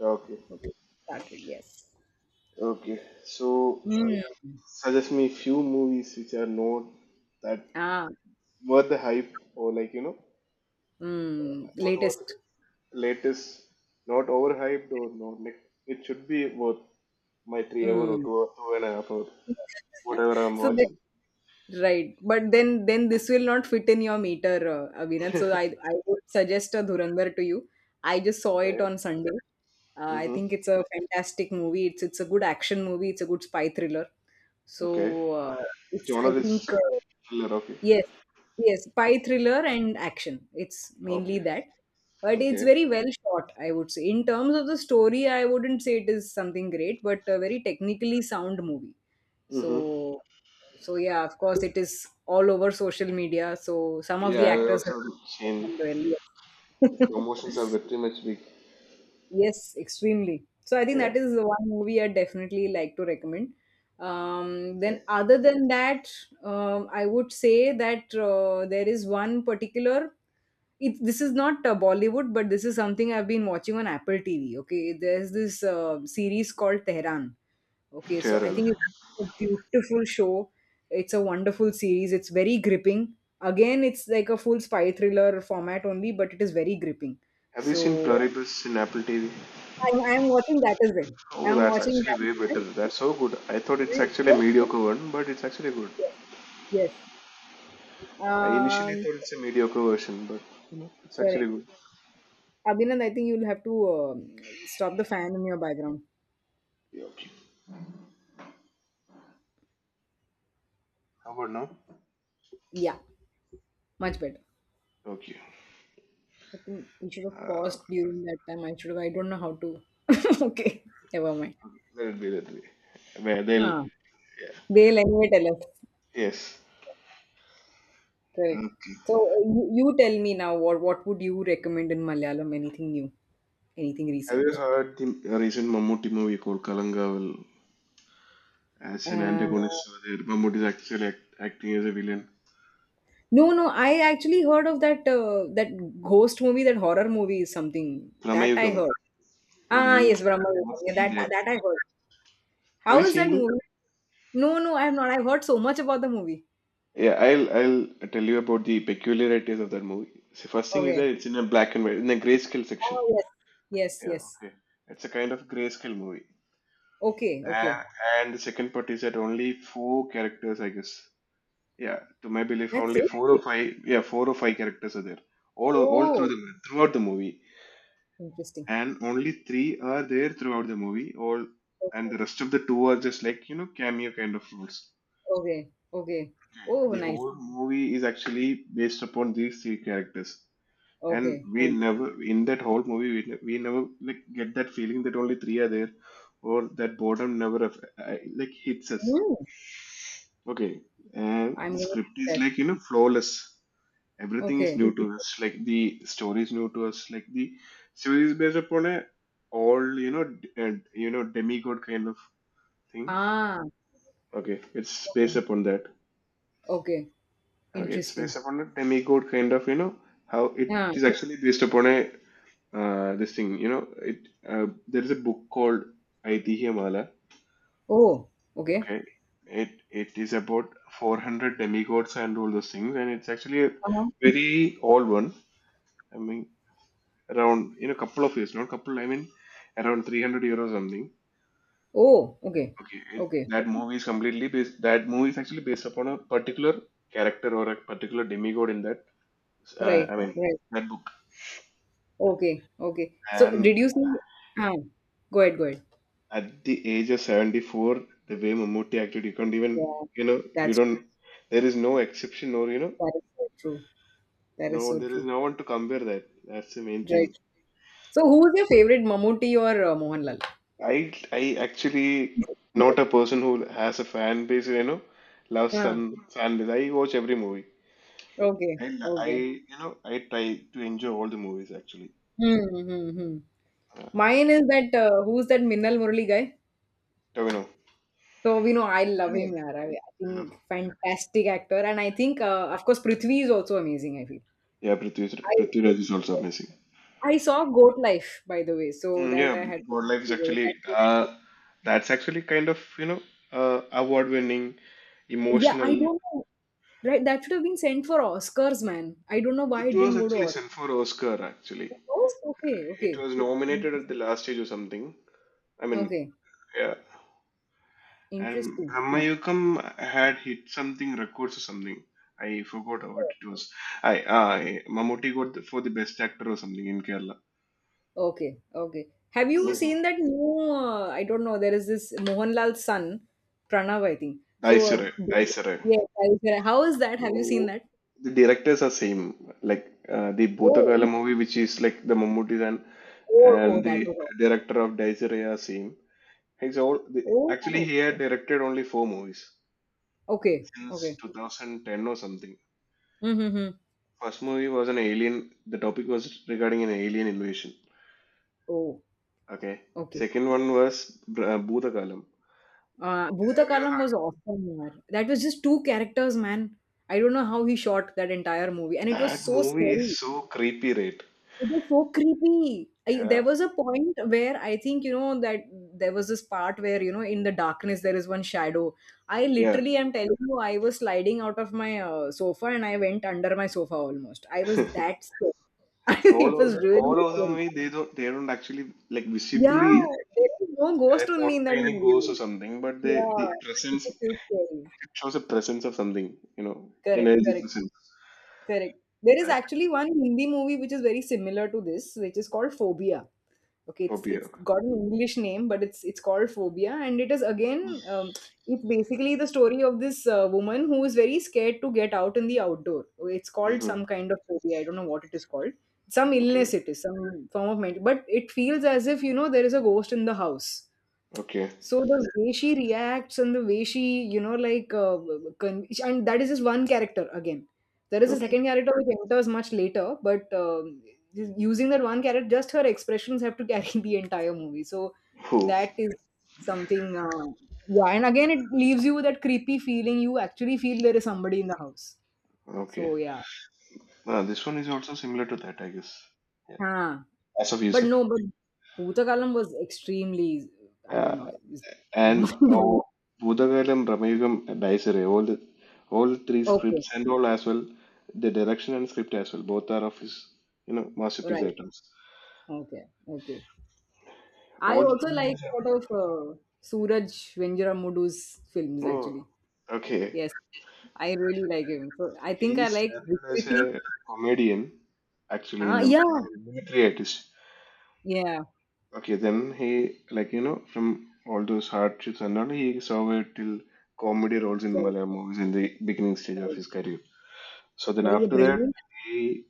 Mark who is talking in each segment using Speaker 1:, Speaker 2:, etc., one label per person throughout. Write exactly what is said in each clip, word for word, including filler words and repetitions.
Speaker 1: Okay,
Speaker 2: Okay, started. Yes.
Speaker 1: okay. So, uh,
Speaker 2: Mm.
Speaker 1: suggest me few movies which are not that
Speaker 2: Ah.
Speaker 1: worth the hype, or like you know uh,
Speaker 2: Mm.
Speaker 1: not worth the
Speaker 2: Latest.
Speaker 1: latest, not overhyped, or not like it should be worth my three hour or
Speaker 2: Mm.
Speaker 1: two or two and a half hour, whatever I'm
Speaker 2: So the,
Speaker 1: watching.
Speaker 2: right, but then then this will not fit in your meter, uh, Avinath. So I I would suggest a Dhurandhar to you. I just saw it
Speaker 1: Okay.
Speaker 2: on Sunday. Uh, I
Speaker 1: Mm-hmm.
Speaker 2: think it's a fantastic movie. It's it's a good action movie. It's a good spy thriller.
Speaker 1: Okay.
Speaker 2: So uh, it's I
Speaker 1: Genre
Speaker 2: think.
Speaker 1: is
Speaker 2: Uh,
Speaker 1: thriller. Okay.
Speaker 2: Yes, yes,
Speaker 1: Okay.
Speaker 2: spy thriller and action. It's mainly
Speaker 1: Okay.
Speaker 2: that. But it's
Speaker 1: Okay.
Speaker 2: very well shot, I would say. In terms of the story, I wouldn't say it is something great, but a very technically sound movie.
Speaker 1: Mm-hmm.
Speaker 2: So, so yeah, of course, it is all over social media. So some of
Speaker 1: Yeah,
Speaker 2: the
Speaker 1: I
Speaker 2: actors have
Speaker 1: also seen
Speaker 2: performed well.
Speaker 1: promotions
Speaker 2: Yes.
Speaker 1: are very much big.
Speaker 2: Yes, extremely. So I think
Speaker 1: Yeah.
Speaker 2: that is the one movie I definitely like to recommend. Um,
Speaker 1: Yeah.
Speaker 2: then other than that, um, I would say that uh, there is one particular. It, this is not uh, Bollywood, but this is something I've been watching on Apple T V. Okay, there's this uh, series called Tehran. Okay, so I
Speaker 1: Terror.
Speaker 2: think it's a beautiful show. It's a wonderful series. It's very gripping. Again, it's like a full spy thriller format only, but it is very gripping.
Speaker 1: Have you seen
Speaker 2: So
Speaker 1: Pluribus in Apple T V?
Speaker 2: I, I'm watching that as well.
Speaker 1: Oh,
Speaker 2: I'm
Speaker 1: that's
Speaker 2: watching
Speaker 1: actually
Speaker 2: that
Speaker 1: way
Speaker 2: as
Speaker 1: better.
Speaker 2: well.
Speaker 1: That's so good. I thought it's
Speaker 2: Right?
Speaker 1: actually a
Speaker 2: Yes,
Speaker 1: mediocre one, but it's actually good.
Speaker 2: yes, yes.
Speaker 1: I initially
Speaker 2: Um,
Speaker 1: thought it's a mediocre version, but you know, it's actually
Speaker 2: correct.
Speaker 1: good.
Speaker 2: Abhinand, I think you'll have to um, stop the fan in your background.
Speaker 1: Yeah, okay. How about now?
Speaker 2: Yeah, much better.
Speaker 1: Okay.
Speaker 2: I think we should have
Speaker 1: Uh,
Speaker 2: paused during that time. I should have. I don't know how to. Okay, never mind.
Speaker 1: let it be that way. Where they'll,
Speaker 2: Huh.
Speaker 1: yeah,
Speaker 2: They'll anyway tell us.
Speaker 1: yes. Uh,
Speaker 2: Correct. So you, you tell me now. What what would you recommend in Malayalam? Anything new? Anything
Speaker 1: have you
Speaker 2: recent?
Speaker 1: heard the recent Mammootty movie called Kalangaval? As an
Speaker 2: Uh,
Speaker 1: antagonist, over there, Mammootty is actually act- acting as a villain.
Speaker 2: No, no, I actually heard of that uh, that ghost movie, that horror movie is something that I
Speaker 1: Pramayukam.
Speaker 2: heard.
Speaker 1: Well,
Speaker 2: Ah,
Speaker 1: you
Speaker 2: yes,
Speaker 1: should-
Speaker 2: Brahma.
Speaker 1: you
Speaker 2: Viharam.
Speaker 1: must
Speaker 2: Yeah,
Speaker 1: see
Speaker 2: that
Speaker 1: that.
Speaker 2: that I heard.
Speaker 1: Have you
Speaker 2: How is
Speaker 1: seen
Speaker 2: that
Speaker 1: that?
Speaker 2: movie? No, no, I'm not. I've heard so much about the movie.
Speaker 1: Yeah, I'll I'll tell you about the peculiarities of that movie. So first thing is
Speaker 2: Okay.
Speaker 1: that it's in a black and white, in a grayscale section.
Speaker 2: Oh yes, yes,
Speaker 1: Yeah,
Speaker 2: yes.
Speaker 1: okay. It's a kind of grayscale movie.
Speaker 2: Okay, okay.
Speaker 1: And and the second part is that only four characters, I guess. Yeah, to my belief,
Speaker 2: That's
Speaker 1: only
Speaker 2: it.
Speaker 1: four or five. Yeah, four or five characters are there. All all
Speaker 2: Oh,
Speaker 1: through the throughout the movie,
Speaker 2: interesting.
Speaker 1: and only three are there throughout the movie. All and
Speaker 2: Okay,
Speaker 1: the rest of the two are just like you know cameo kind of roles.
Speaker 2: okay, okay. Oh,
Speaker 1: The
Speaker 2: nice.
Speaker 1: whole movie is actually based upon these three characters, and
Speaker 2: Okay,
Speaker 1: we
Speaker 2: okay.
Speaker 1: never in that whole movie we, ne- we never like get that feeling that only three are there, or that boredom never aff- uh, like hits us.
Speaker 2: Hmm.
Speaker 1: Okay. And
Speaker 2: I'm
Speaker 1: the
Speaker 2: gonna
Speaker 1: script
Speaker 2: see
Speaker 1: is
Speaker 2: that.
Speaker 1: like you know flawless. Everything is
Speaker 2: Okay.
Speaker 1: new to Mhm. us, like the story is new to us, like the series is based upon a all you know d- and you know demigod kind of thing.
Speaker 2: Ah.
Speaker 1: Okay, it's based
Speaker 2: Okay.
Speaker 1: upon that.
Speaker 2: Okay.
Speaker 1: Okay, it's based
Speaker 2: Interesting.
Speaker 1: upon a demigod kind of you know how it
Speaker 2: Yeah.
Speaker 1: is actually based upon a uh, this thing you know it. uh, there is a book called Aitihiyamala.
Speaker 2: Oh. Okay.
Speaker 1: Okay, it it is about four hundred demigods and all those things, and it's actually a
Speaker 2: Uh-huh.
Speaker 1: very old one. I mean, around in a couple of years, not couple, I mean around three hundred years or something.
Speaker 2: Oh, okay.
Speaker 1: Okay, it,
Speaker 2: Okay.
Speaker 1: that movie is completely based, that movie is actually based upon a particular character or a particular demigod in that, uh, I
Speaker 2: Right.
Speaker 1: mean,
Speaker 2: Right.
Speaker 1: that book.
Speaker 2: Okay. Okay. So did
Speaker 1: And.
Speaker 2: you see? Ah, go ahead. Go ahead.
Speaker 1: At the age of seventy-four, the way Mammootty acted, you can't even,
Speaker 2: Yeah.
Speaker 1: you know, you
Speaker 2: That's
Speaker 1: don't, there is no exception, or you know,
Speaker 2: that is so true. That is
Speaker 1: no,
Speaker 2: so
Speaker 1: there is
Speaker 2: true.
Speaker 1: no one to compare that. That's the main
Speaker 2: Right.
Speaker 1: thing.
Speaker 2: So who is your favorite, Mammootty or uh, Mohanlal?
Speaker 1: I, I actually not a person who has a fan base, you know, loves
Speaker 2: Ah,
Speaker 1: some fan base. I watch every movie.
Speaker 2: okay.
Speaker 1: I, l- I,
Speaker 2: Okay.
Speaker 1: you know, I try to enjoy all the movies actually.
Speaker 2: Hmm, hmm, hmm.
Speaker 1: Uh,
Speaker 2: Mine is that uh, who's that Minnal Murali guy?
Speaker 1: Tavino.
Speaker 2: So we know I love him,
Speaker 1: Yeah.
Speaker 2: yaar. I, I think fantastic actor, and I think uh, of course Prithvi is also amazing. I feel.
Speaker 1: Yeah, Prithviraj
Speaker 2: I
Speaker 1: Prithviraj is also amazing.
Speaker 2: I saw Goat Life, by the way, so
Speaker 1: Mm,
Speaker 2: that
Speaker 1: yeah,
Speaker 2: I had to.
Speaker 1: Life is
Speaker 2: That,
Speaker 1: actually uh, that's actually kind of you know uh, award-winning,
Speaker 2: yeah, I
Speaker 1: emotional.
Speaker 2: don't know. Right, that should have been sent for Oscars, man. I don't know why
Speaker 1: It
Speaker 2: it
Speaker 1: was
Speaker 2: didn't go to
Speaker 1: actually sent
Speaker 2: Oscars.
Speaker 1: for Oscar actually.
Speaker 2: Oh, okay,
Speaker 1: It
Speaker 2: okay,
Speaker 1: was nominated at the last stage or something. I mean,
Speaker 2: okay,
Speaker 1: yeah. And
Speaker 2: interesting.
Speaker 1: Brahmayukam had hit something records or something. I forgot what it was. I I Mammootty got the, for the best actor or something in Kerala.
Speaker 2: Okay, okay. Have you
Speaker 1: Mm-hmm.
Speaker 2: seen that new? Uh, I don't know. There is this Mohanlal's son, Pranav, I think. So uh,
Speaker 1: Daisere, Daisere.
Speaker 2: yes, I, how is that? Have you seen
Speaker 1: So,
Speaker 2: that?
Speaker 1: the directors are same. Like uh, the
Speaker 2: Oh,
Speaker 1: Bhutakala movie, which is like the Mammootty and
Speaker 2: oh, oh,
Speaker 1: and
Speaker 2: that
Speaker 1: the
Speaker 2: was.
Speaker 1: director of Daisire are same. He's all the,
Speaker 2: Awesome.
Speaker 1: actually
Speaker 2: Oh,
Speaker 1: he had directed only four movies
Speaker 2: okay,
Speaker 1: since
Speaker 2: okay.
Speaker 1: two thousand ten or something.
Speaker 2: Mm-hmm. Hmm.
Speaker 1: First movie was an alien. The topic was regarding an alien invasion.
Speaker 2: Oh,
Speaker 1: Okay.
Speaker 2: okay.
Speaker 1: Second one was uh, Bhutakalam.
Speaker 2: Uh,
Speaker 1: Have you
Speaker 2: Bhutakalam was
Speaker 1: heard?
Speaker 2: awesome, man. That was just two characters, man. I don't know how he shot that entire movie, and it was
Speaker 1: That
Speaker 2: so
Speaker 1: movie is
Speaker 2: scary.
Speaker 1: so creepy, right?
Speaker 2: It was so creepy. I,
Speaker 1: Yeah.
Speaker 2: there was a point where I think you know that there was this part where you know in the darkness there is one shadow. I
Speaker 1: Yeah.
Speaker 2: literally am telling you, I was sliding out of my uh, sofa and I went under my sofa almost. I was that scared.
Speaker 1: All
Speaker 2: It
Speaker 1: of
Speaker 2: was
Speaker 1: the all
Speaker 2: really
Speaker 1: of them
Speaker 2: scary.
Speaker 1: way they don't they don't actually like
Speaker 2: Yeah,
Speaker 1: visibly
Speaker 2: there is no
Speaker 1: uh,
Speaker 2: ghost only in that
Speaker 1: portray any ghosts or
Speaker 2: movie.
Speaker 1: something, but they they
Speaker 2: Yeah, it
Speaker 1: presence
Speaker 2: was so scary.
Speaker 1: it shows a presence of something, you know,
Speaker 2: Correct,
Speaker 1: energy
Speaker 2: correct.
Speaker 1: presence
Speaker 2: Correct. There is
Speaker 1: that
Speaker 2: actually one Hindi movie which is very similar to this, which is called Phobia. Okay, it's it's
Speaker 1: phobia.
Speaker 2: got an English name, but it's it's called Phobia, and it is again um, it's basically the story of this uh, woman who is very scared to get out in the outdoor. Okay, it's called
Speaker 1: Hmm.
Speaker 2: some kind of phobia. I don't know what it is called. Some
Speaker 1: Okay,
Speaker 2: illness it is, some form of mental. But it feels as if you know there is a ghost in the house.
Speaker 1: okay,
Speaker 2: So the way she reacts and the way she, you know, like, uh, con- and that is just one character again. There is a
Speaker 1: okay.
Speaker 2: second character which enters much later, but um, just using that one character, just her expressions have to carry the entire movie. So
Speaker 1: Who?
Speaker 2: that is something, uh, yeah. And again, it leaves you with that creepy feeling. You actually feel there is somebody in the house.
Speaker 1: Okay.
Speaker 2: So yeah,
Speaker 1: Uh, this one is also similar to that, I guess. Yeah.
Speaker 2: huh.
Speaker 1: As of you
Speaker 2: But
Speaker 1: said.
Speaker 2: no, but Bhutakalam was extremely, I don't know,
Speaker 1: Yeah.
Speaker 2: it was
Speaker 1: And oh, Bhutagalam, Ramayugam, Daisere, all the all three
Speaker 2: okay,
Speaker 1: scripts and all as well, the direction and script as well, both are of his you know masterpiece
Speaker 2: right,
Speaker 1: items.
Speaker 2: okay, okay. I
Speaker 1: All three
Speaker 2: also like
Speaker 1: movies
Speaker 2: a lot of uh, Suraj Venjaramudu's films,
Speaker 1: are, oh,
Speaker 2: actually.
Speaker 1: okay.
Speaker 2: Yes, I really like him. So I think
Speaker 1: He
Speaker 2: I like
Speaker 1: started as
Speaker 2: Vikriti.
Speaker 1: a comedian actually in
Speaker 2: Ah,
Speaker 1: the
Speaker 2: yeah,
Speaker 1: uh, military artist.
Speaker 2: yeah.
Speaker 1: Okay, then he like you know from all those hardships and all, he saw it till comedy roles in
Speaker 2: Correct,
Speaker 1: Malayalam movies in the beginning stage of
Speaker 2: correct.
Speaker 1: his career. So then
Speaker 2: That is a
Speaker 1: after that.
Speaker 2: brilliant.
Speaker 1: He.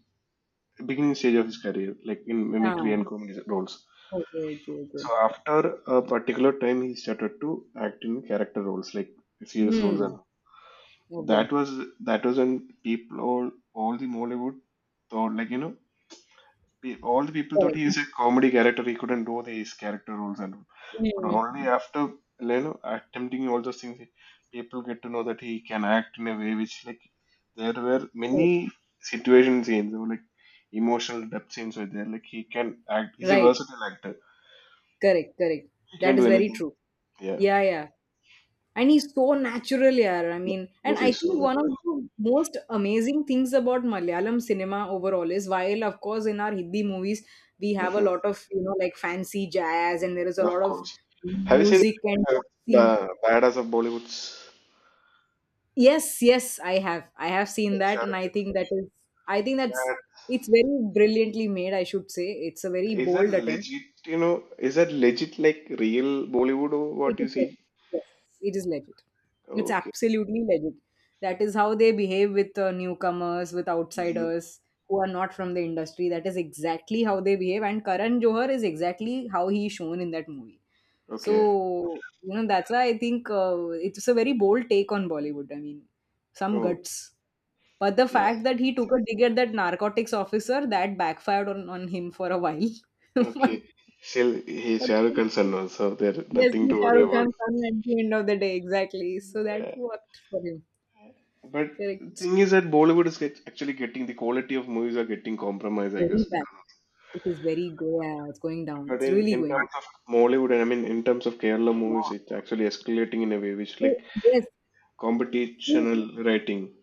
Speaker 1: Beginning stage of his career, like in mimicry
Speaker 2: Ah,
Speaker 1: and comedy roles.
Speaker 2: okay, okay, okay.
Speaker 1: So after a particular time, he started to act in character roles, like serious roles,
Speaker 2: Hmm.
Speaker 1: and
Speaker 2: Okay.
Speaker 1: that was that was when people all all the Mollywood thought like you know pe- all the people thought
Speaker 2: Correct.
Speaker 1: he is a comedy character. He couldn't do these character roles and all. But
Speaker 2: Hmm.
Speaker 1: only after you know attempting all those things, people get to know that he can act in a way which like there were many
Speaker 2: Correct.
Speaker 1: situation scenes or like emotional depth scenes were there. Like he can act. He's a
Speaker 2: Right.
Speaker 1: versatile actor.
Speaker 2: Correct. Correct.
Speaker 1: He can
Speaker 2: That
Speaker 1: do
Speaker 2: is very
Speaker 1: anything.
Speaker 2: true.
Speaker 1: Yeah.
Speaker 2: Yeah, yeah. And he's so natural, yeah. I
Speaker 1: Yeah.
Speaker 2: mean,
Speaker 1: Of
Speaker 2: and
Speaker 1: course,
Speaker 2: I
Speaker 1: he's
Speaker 2: think
Speaker 1: so
Speaker 2: one of
Speaker 1: versatile.
Speaker 2: the most amazing things about Malayalam cinema overall is while of course in our Hindi movies we have a
Speaker 1: Hmm.
Speaker 2: lot of you know like fancy jazz and there is a
Speaker 1: Of
Speaker 2: lot of
Speaker 1: course. Have you seen
Speaker 2: music and
Speaker 1: uh,
Speaker 2: dancing.
Speaker 1: the Badass of Bollywood's?
Speaker 2: Yes, yes, i have i have seen that and I think that is I think that's
Speaker 1: Yeah.
Speaker 2: it's very brilliantly made, I should say. It's a very
Speaker 1: Is that
Speaker 2: bold attempt.
Speaker 1: legit, you know, is that legit like real Bollywood or
Speaker 2: It
Speaker 1: what you
Speaker 2: is legit.
Speaker 1: see?
Speaker 2: Yes, it is legit. It's
Speaker 1: Okay.
Speaker 2: absolutely legit. That is how they behave with uh, newcomers, with
Speaker 1: Hmm.
Speaker 2: outsiders who are not from the industry. That is exactly how they behave. And Karan Johar is exactly how he's shown in that movie. So,
Speaker 1: Okay.
Speaker 2: you know, that's why I think uh, it's a very bold take on Bollywood. I mean, some
Speaker 1: Oh,
Speaker 2: guts. But the
Speaker 1: yeah.
Speaker 2: fact that he took a dig at that narcotics officer, that backfired on, on him for a while. but,
Speaker 1: Okay. Still, he's
Speaker 2: but
Speaker 1: Shah Rukh Khan's son also. There's
Speaker 2: yes,
Speaker 1: nothing to
Speaker 2: he's Shah
Speaker 1: worry
Speaker 2: Rukh
Speaker 1: about.
Speaker 2: Khan's son at the end of the day, exactly. So that
Speaker 1: Yeah.
Speaker 2: worked for him.
Speaker 1: But the
Speaker 2: Correct.
Speaker 1: thing is that Bollywood is get, actually getting the quality of movies are getting compromised, I guess,
Speaker 2: Very bad.
Speaker 1: because of it.
Speaker 2: It is very go. Yeah, it's going down.
Speaker 1: But
Speaker 2: It's
Speaker 1: in,
Speaker 2: really
Speaker 1: in
Speaker 2: going down.
Speaker 1: terms of Mollywood, and I mean, in terms of Kerala movies,
Speaker 2: Yeah.
Speaker 1: it's actually escalating in a way which
Speaker 2: So,
Speaker 1: like
Speaker 2: yes. So-
Speaker 1: competitional writing.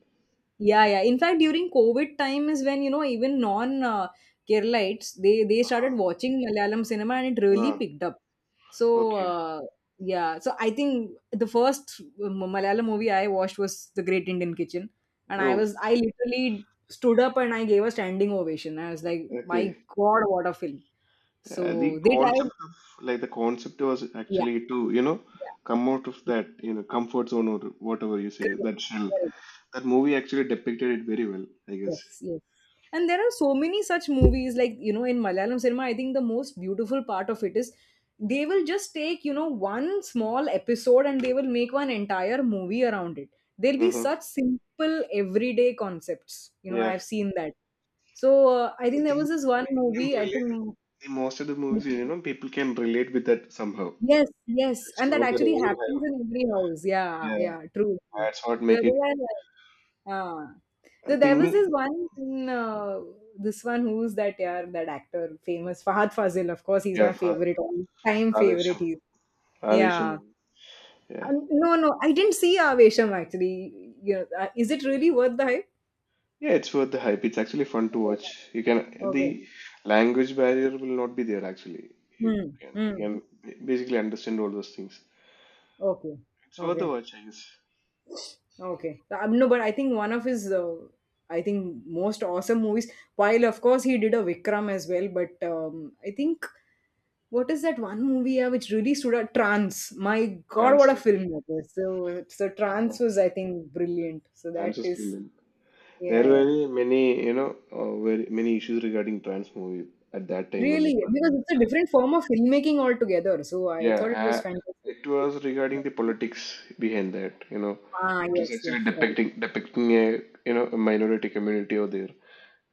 Speaker 2: yeah, yeah. In fact, during COVID time is when you know even non uh, Keralites they they
Speaker 1: Uh-huh.
Speaker 2: started watching Malayalam cinema and it really
Speaker 1: Ah,
Speaker 2: picked up. So
Speaker 1: okay.
Speaker 2: uh, yeah, so I think the first M- Malayalam movie I watched was The Great Indian Kitchen, and I
Speaker 1: Oh,
Speaker 2: was I literally stood up and I gave a standing ovation. I was like, my
Speaker 1: okay.
Speaker 2: God, what a film!
Speaker 1: Uh,
Speaker 2: So
Speaker 1: the
Speaker 2: they tried.
Speaker 1: concept of like the concept was
Speaker 2: Yeah,
Speaker 1: actually to you know come out of
Speaker 2: yeah.
Speaker 1: that you know comfort zone, or whatever you say,
Speaker 2: Correct.
Speaker 1: that shell.
Speaker 2: Correct.
Speaker 1: That movie actually depicted it very well, I guess.
Speaker 2: Yes, yes. And there are so many such movies, like, you know, in Malayalam cinema, I think the most beautiful part of it is they will just take, you know, one small episode and they will make one entire movie around it. They'll be
Speaker 1: Mm-hmm.
Speaker 2: such simple, everyday concepts. You know,
Speaker 1: Yeah,
Speaker 2: I've seen that. So uh, I
Speaker 1: I
Speaker 2: think there
Speaker 1: think you
Speaker 2: was this one
Speaker 1: can
Speaker 2: movie, I
Speaker 1: relate.
Speaker 2: think,
Speaker 1: The most of the movies, you know, people can relate with that somehow.
Speaker 2: yes, yes.
Speaker 1: It's
Speaker 2: And that
Speaker 1: not that
Speaker 2: actually happens
Speaker 1: overhype.
Speaker 2: in every house. Yeah,
Speaker 1: Yeah,
Speaker 2: yeah, true, true.
Speaker 1: that's what
Speaker 2: So that
Speaker 1: make
Speaker 2: is
Speaker 1: it.
Speaker 2: why. Ah.
Speaker 1: I
Speaker 2: So there was this
Speaker 1: think.
Speaker 2: one, in, uh, this one who's that, yeah, that actor, famous Fahad Fazil. Of course, he's
Speaker 1: Yeah,
Speaker 2: my
Speaker 1: for
Speaker 2: favorite, all time favorite.
Speaker 1: Avesham.
Speaker 2: He's yeah.
Speaker 1: Avesham. Yeah.
Speaker 2: Um, no, no, I didn't see Avesham actually. You know, uh, is it really worth the hype?
Speaker 1: Yeah, it's worth the hype. It's actually fun to watch. You can
Speaker 2: Okay.
Speaker 1: the language barrier will not be there actually. You
Speaker 2: Hmm.
Speaker 1: can you
Speaker 2: Hmm.
Speaker 1: can ba- basically understand all those things.
Speaker 2: Okay.
Speaker 1: It's worth the
Speaker 2: Okay.
Speaker 1: watch, I guess.
Speaker 2: Okay. Um, no, but I think one of his, uh, I think most awesome movies. While of course he did a Vikram as well, but um, I think. What is that one movie uh, which really stood out? Trance. My God,
Speaker 1: France,
Speaker 2: what a film
Speaker 1: okay.
Speaker 2: that was. So, so
Speaker 1: Yeah.
Speaker 2: Trance was, I think, brilliant. So that
Speaker 1: Trans was
Speaker 2: is,
Speaker 1: brilliant. There
Speaker 2: yeah,
Speaker 1: were
Speaker 2: yeah.
Speaker 1: many, many, you know, uh, very many issues regarding trans movie at that time when it
Speaker 2: Really,
Speaker 1: was
Speaker 2: because
Speaker 1: released.
Speaker 2: it's a different form of filmmaking altogether. So I thought it
Speaker 1: Yeah,
Speaker 2: was
Speaker 1: uh,
Speaker 2: fantastic.
Speaker 1: it was regarding the politics behind that. You know,
Speaker 2: Ah,
Speaker 1: it was
Speaker 2: yes, yes,
Speaker 1: actually
Speaker 2: correct.
Speaker 1: depicting depicting a you know a minority community over there,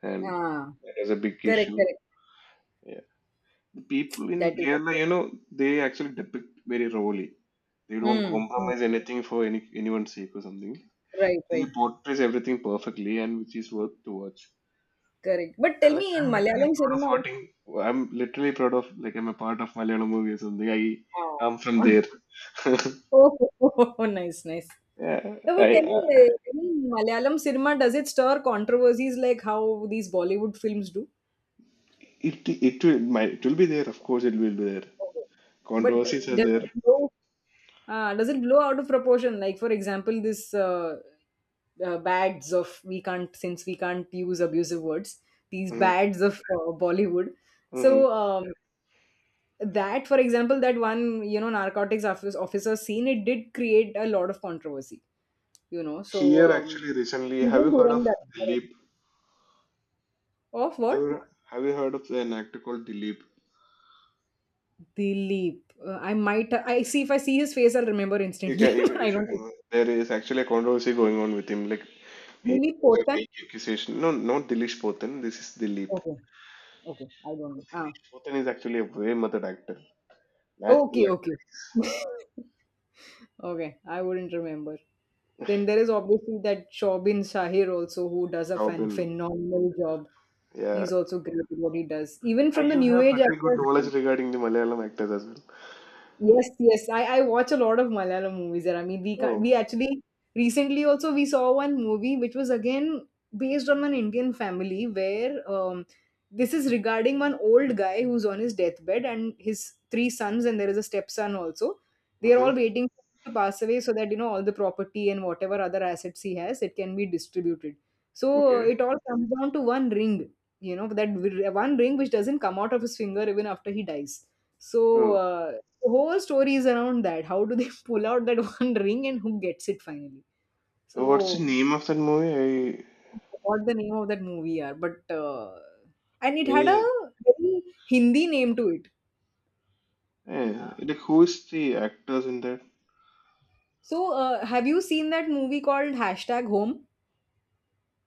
Speaker 1: and
Speaker 2: Ah,
Speaker 1: that is a big
Speaker 2: correct,
Speaker 1: issue.
Speaker 2: correct.
Speaker 1: Yeah. People
Speaker 2: That
Speaker 1: in
Speaker 2: is,
Speaker 1: Kerala, you know, they actually depict very rawly. They don't
Speaker 2: mm, mm,
Speaker 1: compromise anything for any anyone's sake or something.
Speaker 2: right,
Speaker 1: He
Speaker 2: right,
Speaker 1: portrays everything perfectly, and which is worth to watch.
Speaker 2: correct. But
Speaker 1: Yeah,
Speaker 2: tell
Speaker 1: like,
Speaker 2: me in
Speaker 1: I'm literally
Speaker 2: Malayalam
Speaker 1: proud of
Speaker 2: cinema.
Speaker 1: watching. I'm literally proud of like I'm a part of Malayalam movie or something. I
Speaker 2: Ah.
Speaker 1: I'm from there.
Speaker 2: Oh, nice, nice.
Speaker 1: Yeah,
Speaker 2: No,
Speaker 1: I,
Speaker 2: but tell
Speaker 1: I
Speaker 2: me, uh, tell me, Malayalam cinema, does it stir controversies like how these Bollywood films do?
Speaker 1: it it will my it will be there. Of course, it will be there.
Speaker 2: But
Speaker 1: Controversies are
Speaker 2: does
Speaker 1: there.
Speaker 2: it blow, uh, does it blow out of proportion? Like, for example, this uh, uh, bads of, we can't, since we can't use abusive words, these
Speaker 1: Hmm.
Speaker 2: bads of uh, Bollywood. So,
Speaker 1: Hmm.
Speaker 2: um, that, for example, that one, you know, narcotics office, officer scene, it did create a lot of controversy, you know. So,
Speaker 1: Here, actually,
Speaker 2: um,
Speaker 1: recently, have you
Speaker 2: even
Speaker 1: heard of
Speaker 2: Dhurandhar.
Speaker 1: Dilip?
Speaker 2: Of
Speaker 1: Have
Speaker 2: what?
Speaker 1: you, have you heard of an actor called Dilip?
Speaker 2: The Leap. Uh, I might. I see if I see his face, I'll remember
Speaker 1: You can,
Speaker 2: instantly.
Speaker 1: you, you
Speaker 2: I
Speaker 1: should
Speaker 2: don't.
Speaker 1: know. There is actually a controversy going on with him. Like, he
Speaker 2: Dilip
Speaker 1: was a
Speaker 2: Potan.
Speaker 1: rape accusation. No, not Dilish Potan. This is Dilip.
Speaker 2: Okay. Okay. I don't know. Ah.
Speaker 1: Dilish Potan is actually a way method actor. Natural
Speaker 2: Okay. Okay.
Speaker 1: actor.
Speaker 2: Okay. I wouldn't remember. Then there is obviously that Shobin Shahir also, who does a
Speaker 1: Job.
Speaker 2: fan phenomenal job.
Speaker 1: Yeah.
Speaker 2: He's also great at what he does. Even
Speaker 1: And
Speaker 2: from the
Speaker 1: you
Speaker 2: new
Speaker 1: have
Speaker 2: age
Speaker 1: pretty good
Speaker 2: actors,
Speaker 1: knowledge regarding the Malayalam actors as well.
Speaker 2: yes, yes. I, I watch a lot of Malayalam movies there. I mean, we ca-
Speaker 1: Oh.
Speaker 2: we actually recently also we saw one movie which was again based on an Indian family where um, this is regarding one old guy who's on his deathbed and his three sons and there is a stepson also. They are
Speaker 1: Mm-hmm.
Speaker 2: all waiting to pass away so that you know all the property and whatever other assets he has it can be distributed. So uh,
Speaker 1: Okay.
Speaker 2: it all comes down to one ring, you know, that w- one ring which doesn't come out of his finger even after he dies so
Speaker 1: Oh.
Speaker 2: uh, the whole story is around that. How do they pull out that one ring and who gets it finally?
Speaker 1: What's the
Speaker 2: So,
Speaker 1: name of that movie? I.
Speaker 2: what the name of that movie are, but uh, and it had a
Speaker 1: Mm.
Speaker 2: very Hindi name to it.
Speaker 1: Eh,
Speaker 2: Uh,
Speaker 1: like, who is the actors in that?
Speaker 2: so, uh, have you seen that movie called Hashtag Home?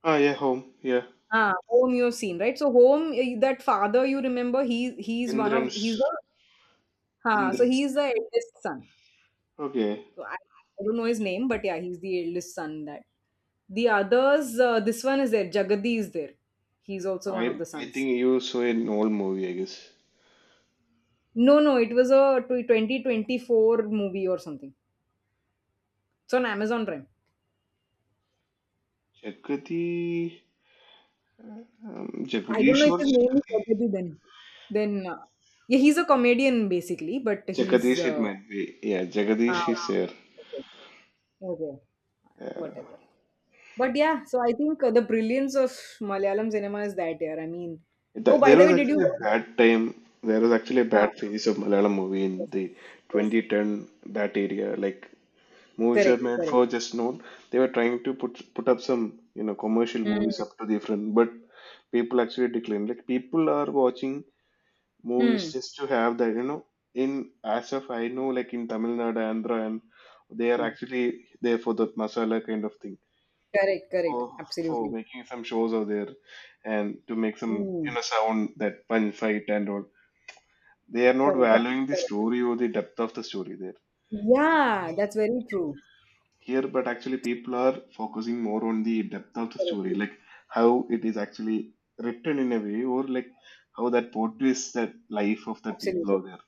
Speaker 1: Ah, yeah, home. Yeah.
Speaker 2: Ah, Home you have seen, right? So Home, eh, that father you remember, he he's one of
Speaker 1: Indrans.
Speaker 2: he's the ha, so
Speaker 1: Indran's.
Speaker 2: he's the eldest son.
Speaker 1: Okay,
Speaker 2: So I, I don't know his name, but yeah, he's the eldest son in that. The others, uh, this one is there. Jagadi is there. He's also one of
Speaker 1: I
Speaker 2: the
Speaker 1: I
Speaker 2: sons.
Speaker 1: think you saw an old movie, I guess.
Speaker 2: No, no, it was a tw- twenty twenty-four movie or something. It's on Amazon Prime.
Speaker 1: Jagadish, um,
Speaker 2: I don't know
Speaker 1: Jagadish
Speaker 2: if
Speaker 1: or
Speaker 2: his name is Jagadi then. Then, uh, yeah, he's a comedian basically, but he's.
Speaker 1: Jagadish, it
Speaker 2: Uh,
Speaker 1: might be. Yeah, Jagadish
Speaker 2: ah,
Speaker 1: is there.
Speaker 2: okay, okay,
Speaker 1: Yeah.
Speaker 2: whatever. But yeah, so I think uh, the brilliance of Malayalam cinema is that, yeah. I mean, oh,
Speaker 1: Th-
Speaker 2: by
Speaker 1: there
Speaker 2: the
Speaker 1: was
Speaker 2: way, did you
Speaker 1: actually a
Speaker 2: watch?
Speaker 1: bad time. There was actually a
Speaker 2: Ah,
Speaker 1: bad phase of Malayalam movie in
Speaker 2: yes,
Speaker 1: the
Speaker 2: yes,
Speaker 1: twenty ten that area. Like movies were
Speaker 2: correct,
Speaker 1: made for
Speaker 2: correct.
Speaker 1: just known. They were trying to put put up some you know commercial
Speaker 2: Hmm.
Speaker 1: movies up to the front, but people actually declined. Like people are watching movies
Speaker 2: Hmm.
Speaker 1: just to have that you know in as of I know, like in Tamil Nadu Andhra, and they are
Speaker 2: Hmm.
Speaker 1: actually there for that masala kind of thing,
Speaker 2: Correct, correct.
Speaker 1: for for
Speaker 2: Absolutely.
Speaker 1: making some shows out there and to make some you
Speaker 2: Mm,
Speaker 1: know sound that punch fight and all, they are not
Speaker 2: correct,
Speaker 1: valuing the
Speaker 2: correct.
Speaker 1: story or the depth of the story there.
Speaker 2: Yeah,
Speaker 1: But
Speaker 2: that's very true.
Speaker 1: here, but actually people are focusing more on the depth of the
Speaker 2: Correct.
Speaker 1: story, like how it is actually written in a way, or like how that portrays that life of the
Speaker 2: Absolutely,
Speaker 1: people out there.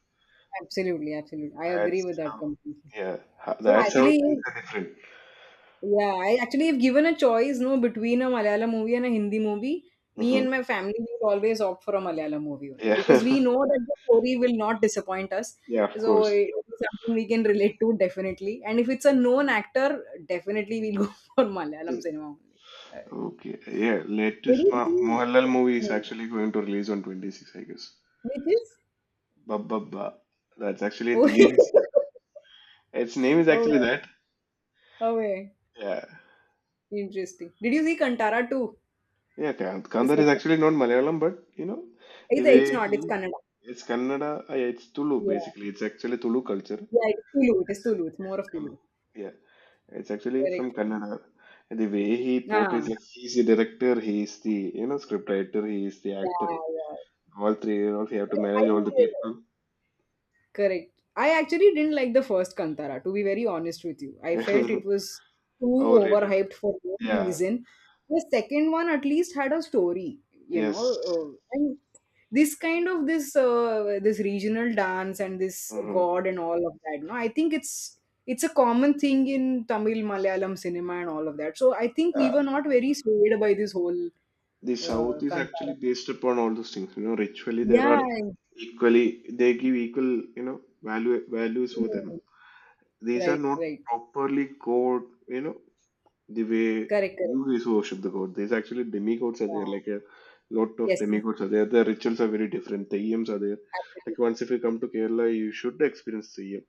Speaker 2: absolutely, absolutely. I agree
Speaker 1: That's
Speaker 2: with that
Speaker 1: how,
Speaker 2: completely.
Speaker 1: yeah, ho-
Speaker 2: So
Speaker 1: that's how things
Speaker 2: actually,
Speaker 1: are different.
Speaker 2: yeah, I actually have given a choice, no, between a Malayalam movie and a Hindi movie. Me
Speaker 1: Hmm.
Speaker 2: and my family will always opt for a Malayalam movie only because we
Speaker 1: Yeah,
Speaker 2: know that the story will not disappoint us.
Speaker 1: yeah, of
Speaker 2: So
Speaker 1: course.
Speaker 2: it's something we can relate to definitely. And if it's a known actor, definitely we'll go for Malayalam cinema only. Uh,
Speaker 1: Okay, yeah,
Speaker 2: Did
Speaker 1: latest
Speaker 2: you
Speaker 1: Ma-
Speaker 2: see?
Speaker 1: Mohanlal movie is
Speaker 2: uh,
Speaker 1: actually going to release on twenty-sixth, I guess.
Speaker 2: Which is
Speaker 1: Ba. That's actually a
Speaker 2: oh,
Speaker 1: Dilip. Its name is actually
Speaker 2: oh,
Speaker 1: that.
Speaker 2: oh, yeah,
Speaker 1: Yeah,
Speaker 2: interesting. Did you see Kantara too?
Speaker 1: yeah, Kan-
Speaker 2: The
Speaker 1: Kandar
Speaker 2: sec-
Speaker 1: is actually not Malayalam, but you know, the
Speaker 2: it's, it's
Speaker 1: way
Speaker 2: not, it's
Speaker 1: he,
Speaker 2: Kannada.
Speaker 1: it's Kannada, uh, yeah, it's Tulu
Speaker 2: Yeah,
Speaker 1: basically. It's actually Tulu culture.
Speaker 2: yeah, it's Tulu. It is Tulu. It's more of
Speaker 1: Mm.
Speaker 2: Tulu.
Speaker 1: Yeah, it's actually from
Speaker 2: Correct.
Speaker 1: Kannada. The way he
Speaker 2: Ah,
Speaker 1: portrays, like he's the director, he's the you know script writer, he's the actor.
Speaker 2: yeah, yeah.
Speaker 1: All three, you know, he have to
Speaker 2: I
Speaker 1: manage all the people.
Speaker 2: Correct. I actually didn't like the first Kantara, to be very honest with you. I felt it was too
Speaker 1: Overrated.
Speaker 2: overhyped for no
Speaker 1: Yeah.
Speaker 2: reason. The second one at least had a story, you know,
Speaker 1: Yes.
Speaker 2: uh, and this kind of this uh, this regional dance and this
Speaker 1: Hmm.
Speaker 2: god and all of that. No, I think it's it's a common thing in Tamil, Malayalam cinema and all of that. So I think we
Speaker 1: Uh,
Speaker 2: were not very swayed by this whole
Speaker 1: the South
Speaker 2: uh,
Speaker 1: is actually
Speaker 2: Kantara.
Speaker 1: based upon all those things. You know, ritually there are
Speaker 2: Yeah, I-
Speaker 1: equally they give equal you know value values for them.
Speaker 2: hmm,
Speaker 1: These are
Speaker 2: right,
Speaker 1: not
Speaker 2: right,
Speaker 1: properly code. You know, the way
Speaker 2: correct, correct.
Speaker 1: you guys worship the god. There's actually demigods are there, like
Speaker 2: Yeah.
Speaker 1: a lot of
Speaker 2: Yes,
Speaker 1: demigods are there. The rituals are very different. Theyyams are there. Like
Speaker 2: absolutely.
Speaker 1: once if you come to Kerala, you should experience Theyyam.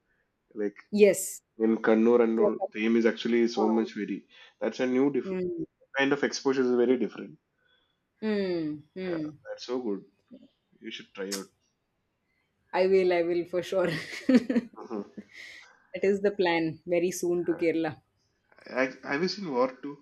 Speaker 1: Like
Speaker 2: Yes.
Speaker 1: in Kannur and all,
Speaker 2: Dhokha.
Speaker 1: Theyyam is actually so much very. That's a new diff-
Speaker 2: Mm,
Speaker 1: kind of exposure is very different.
Speaker 2: mm,
Speaker 1: Yeah,
Speaker 2: mm.
Speaker 1: that's so good. You should try out.
Speaker 2: I will, I will for sure.
Speaker 1: Uh-huh.
Speaker 2: That is the plan very soon to Kerala.
Speaker 1: I, have you seen War two?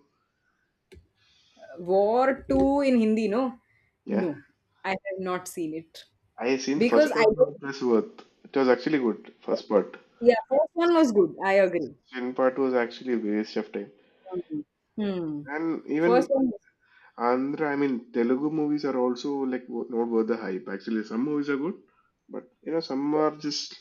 Speaker 2: War two in Hindi, no?
Speaker 1: Yeah,
Speaker 2: No, I have not seen it.
Speaker 1: I seen the
Speaker 2: Because
Speaker 1: first
Speaker 2: I
Speaker 1: part
Speaker 2: don't,
Speaker 1: of this worth. It was actually good, first part.
Speaker 2: yeah, first one was good. I agree.
Speaker 1: Second part was actually a waste of time.
Speaker 2: Um, Hmm.
Speaker 1: And
Speaker 2: First
Speaker 1: even
Speaker 2: one was
Speaker 1: Andhra, I mean, Telugu movies are also like wo- not worth the hype. Actually, some movies are good, but you know, some
Speaker 2: good.
Speaker 1: are just —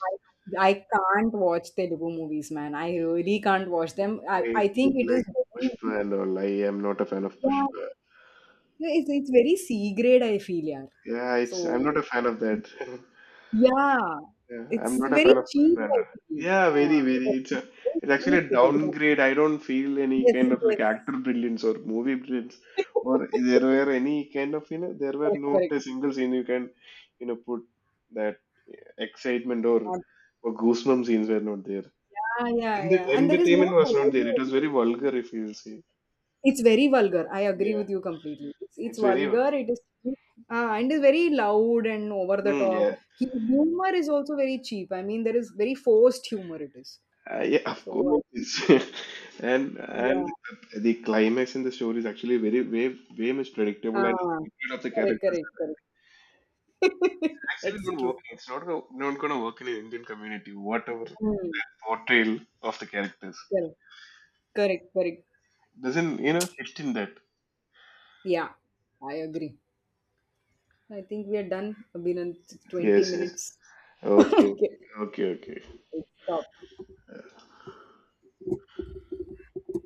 Speaker 2: I, I can't watch Telugu movies, man. I really can't watch them. I,
Speaker 1: I
Speaker 2: I think
Speaker 1: didn't
Speaker 2: it is
Speaker 1: like
Speaker 2: very,
Speaker 1: Pushpa and all. I am not a fan of
Speaker 2: yeah.
Speaker 1: Pushpa.
Speaker 2: Yeah, It's, it's very C grade, I feel, yeah.
Speaker 1: Yeah, it's I'm
Speaker 2: So,
Speaker 1: not a fan of that.
Speaker 2: yeah,
Speaker 1: Yeah, I'm
Speaker 2: it's
Speaker 1: not a
Speaker 2: very
Speaker 1: fan of
Speaker 2: cheap, I
Speaker 1: Pushpanda.
Speaker 2: feel.
Speaker 1: Yeah, very,
Speaker 2: Ah,
Speaker 1: very.
Speaker 2: correct.
Speaker 1: It's a,
Speaker 2: Very
Speaker 1: it's actually
Speaker 2: cheap
Speaker 1: a
Speaker 2: it is. Yeah.
Speaker 1: downgrade. I don't feel any kind
Speaker 2: Yes,
Speaker 1: of like
Speaker 2: yes.
Speaker 1: actor brilliance or movie brilliance, or there were any kind of you know there were
Speaker 2: Correct,
Speaker 1: not
Speaker 2: correct.
Speaker 1: a single scene you can you know put that excitement or or goosebump scenes were not there.
Speaker 2: Ah, yeah, yeah,
Speaker 1: And the
Speaker 2: yeah. And there is
Speaker 1: entertainment
Speaker 2: no
Speaker 1: was not there.
Speaker 2: story.
Speaker 1: It was very vulgar if you see.
Speaker 2: It's very vulgar. I agree
Speaker 1: Yeah,
Speaker 2: with you completely. It's, it's
Speaker 1: it's very.
Speaker 2: vulgar. It is cheap. Ah, and is very loud and over the
Speaker 1: Mm,
Speaker 2: top.
Speaker 1: yeah.
Speaker 2: He, humor is also very cheap. I mean, there is very forced humor. It is
Speaker 1: Uh, yeah, of
Speaker 2: so. I,
Speaker 1: course. And
Speaker 2: yeah.
Speaker 1: and the climax in the story is actually very way way much predictable and
Speaker 2: Ah,
Speaker 1: of the
Speaker 2: correct,
Speaker 1: characters
Speaker 2: correct, correct.
Speaker 1: actually
Speaker 2: That's
Speaker 1: not
Speaker 2: true.
Speaker 1: working. It's not go- not going to work in the Indian community. Whatever
Speaker 2: Hmm.
Speaker 1: portrayal of the characters
Speaker 2: Correct. Correct. Correct.
Speaker 1: doesn't you know fit in that.
Speaker 2: Yeah, I agree. I think we are done. I've twenty
Speaker 1: Yes, yes.
Speaker 2: minutes.
Speaker 1: Okay,
Speaker 2: Okay.
Speaker 1: okay, okay, okay.
Speaker 2: Stop.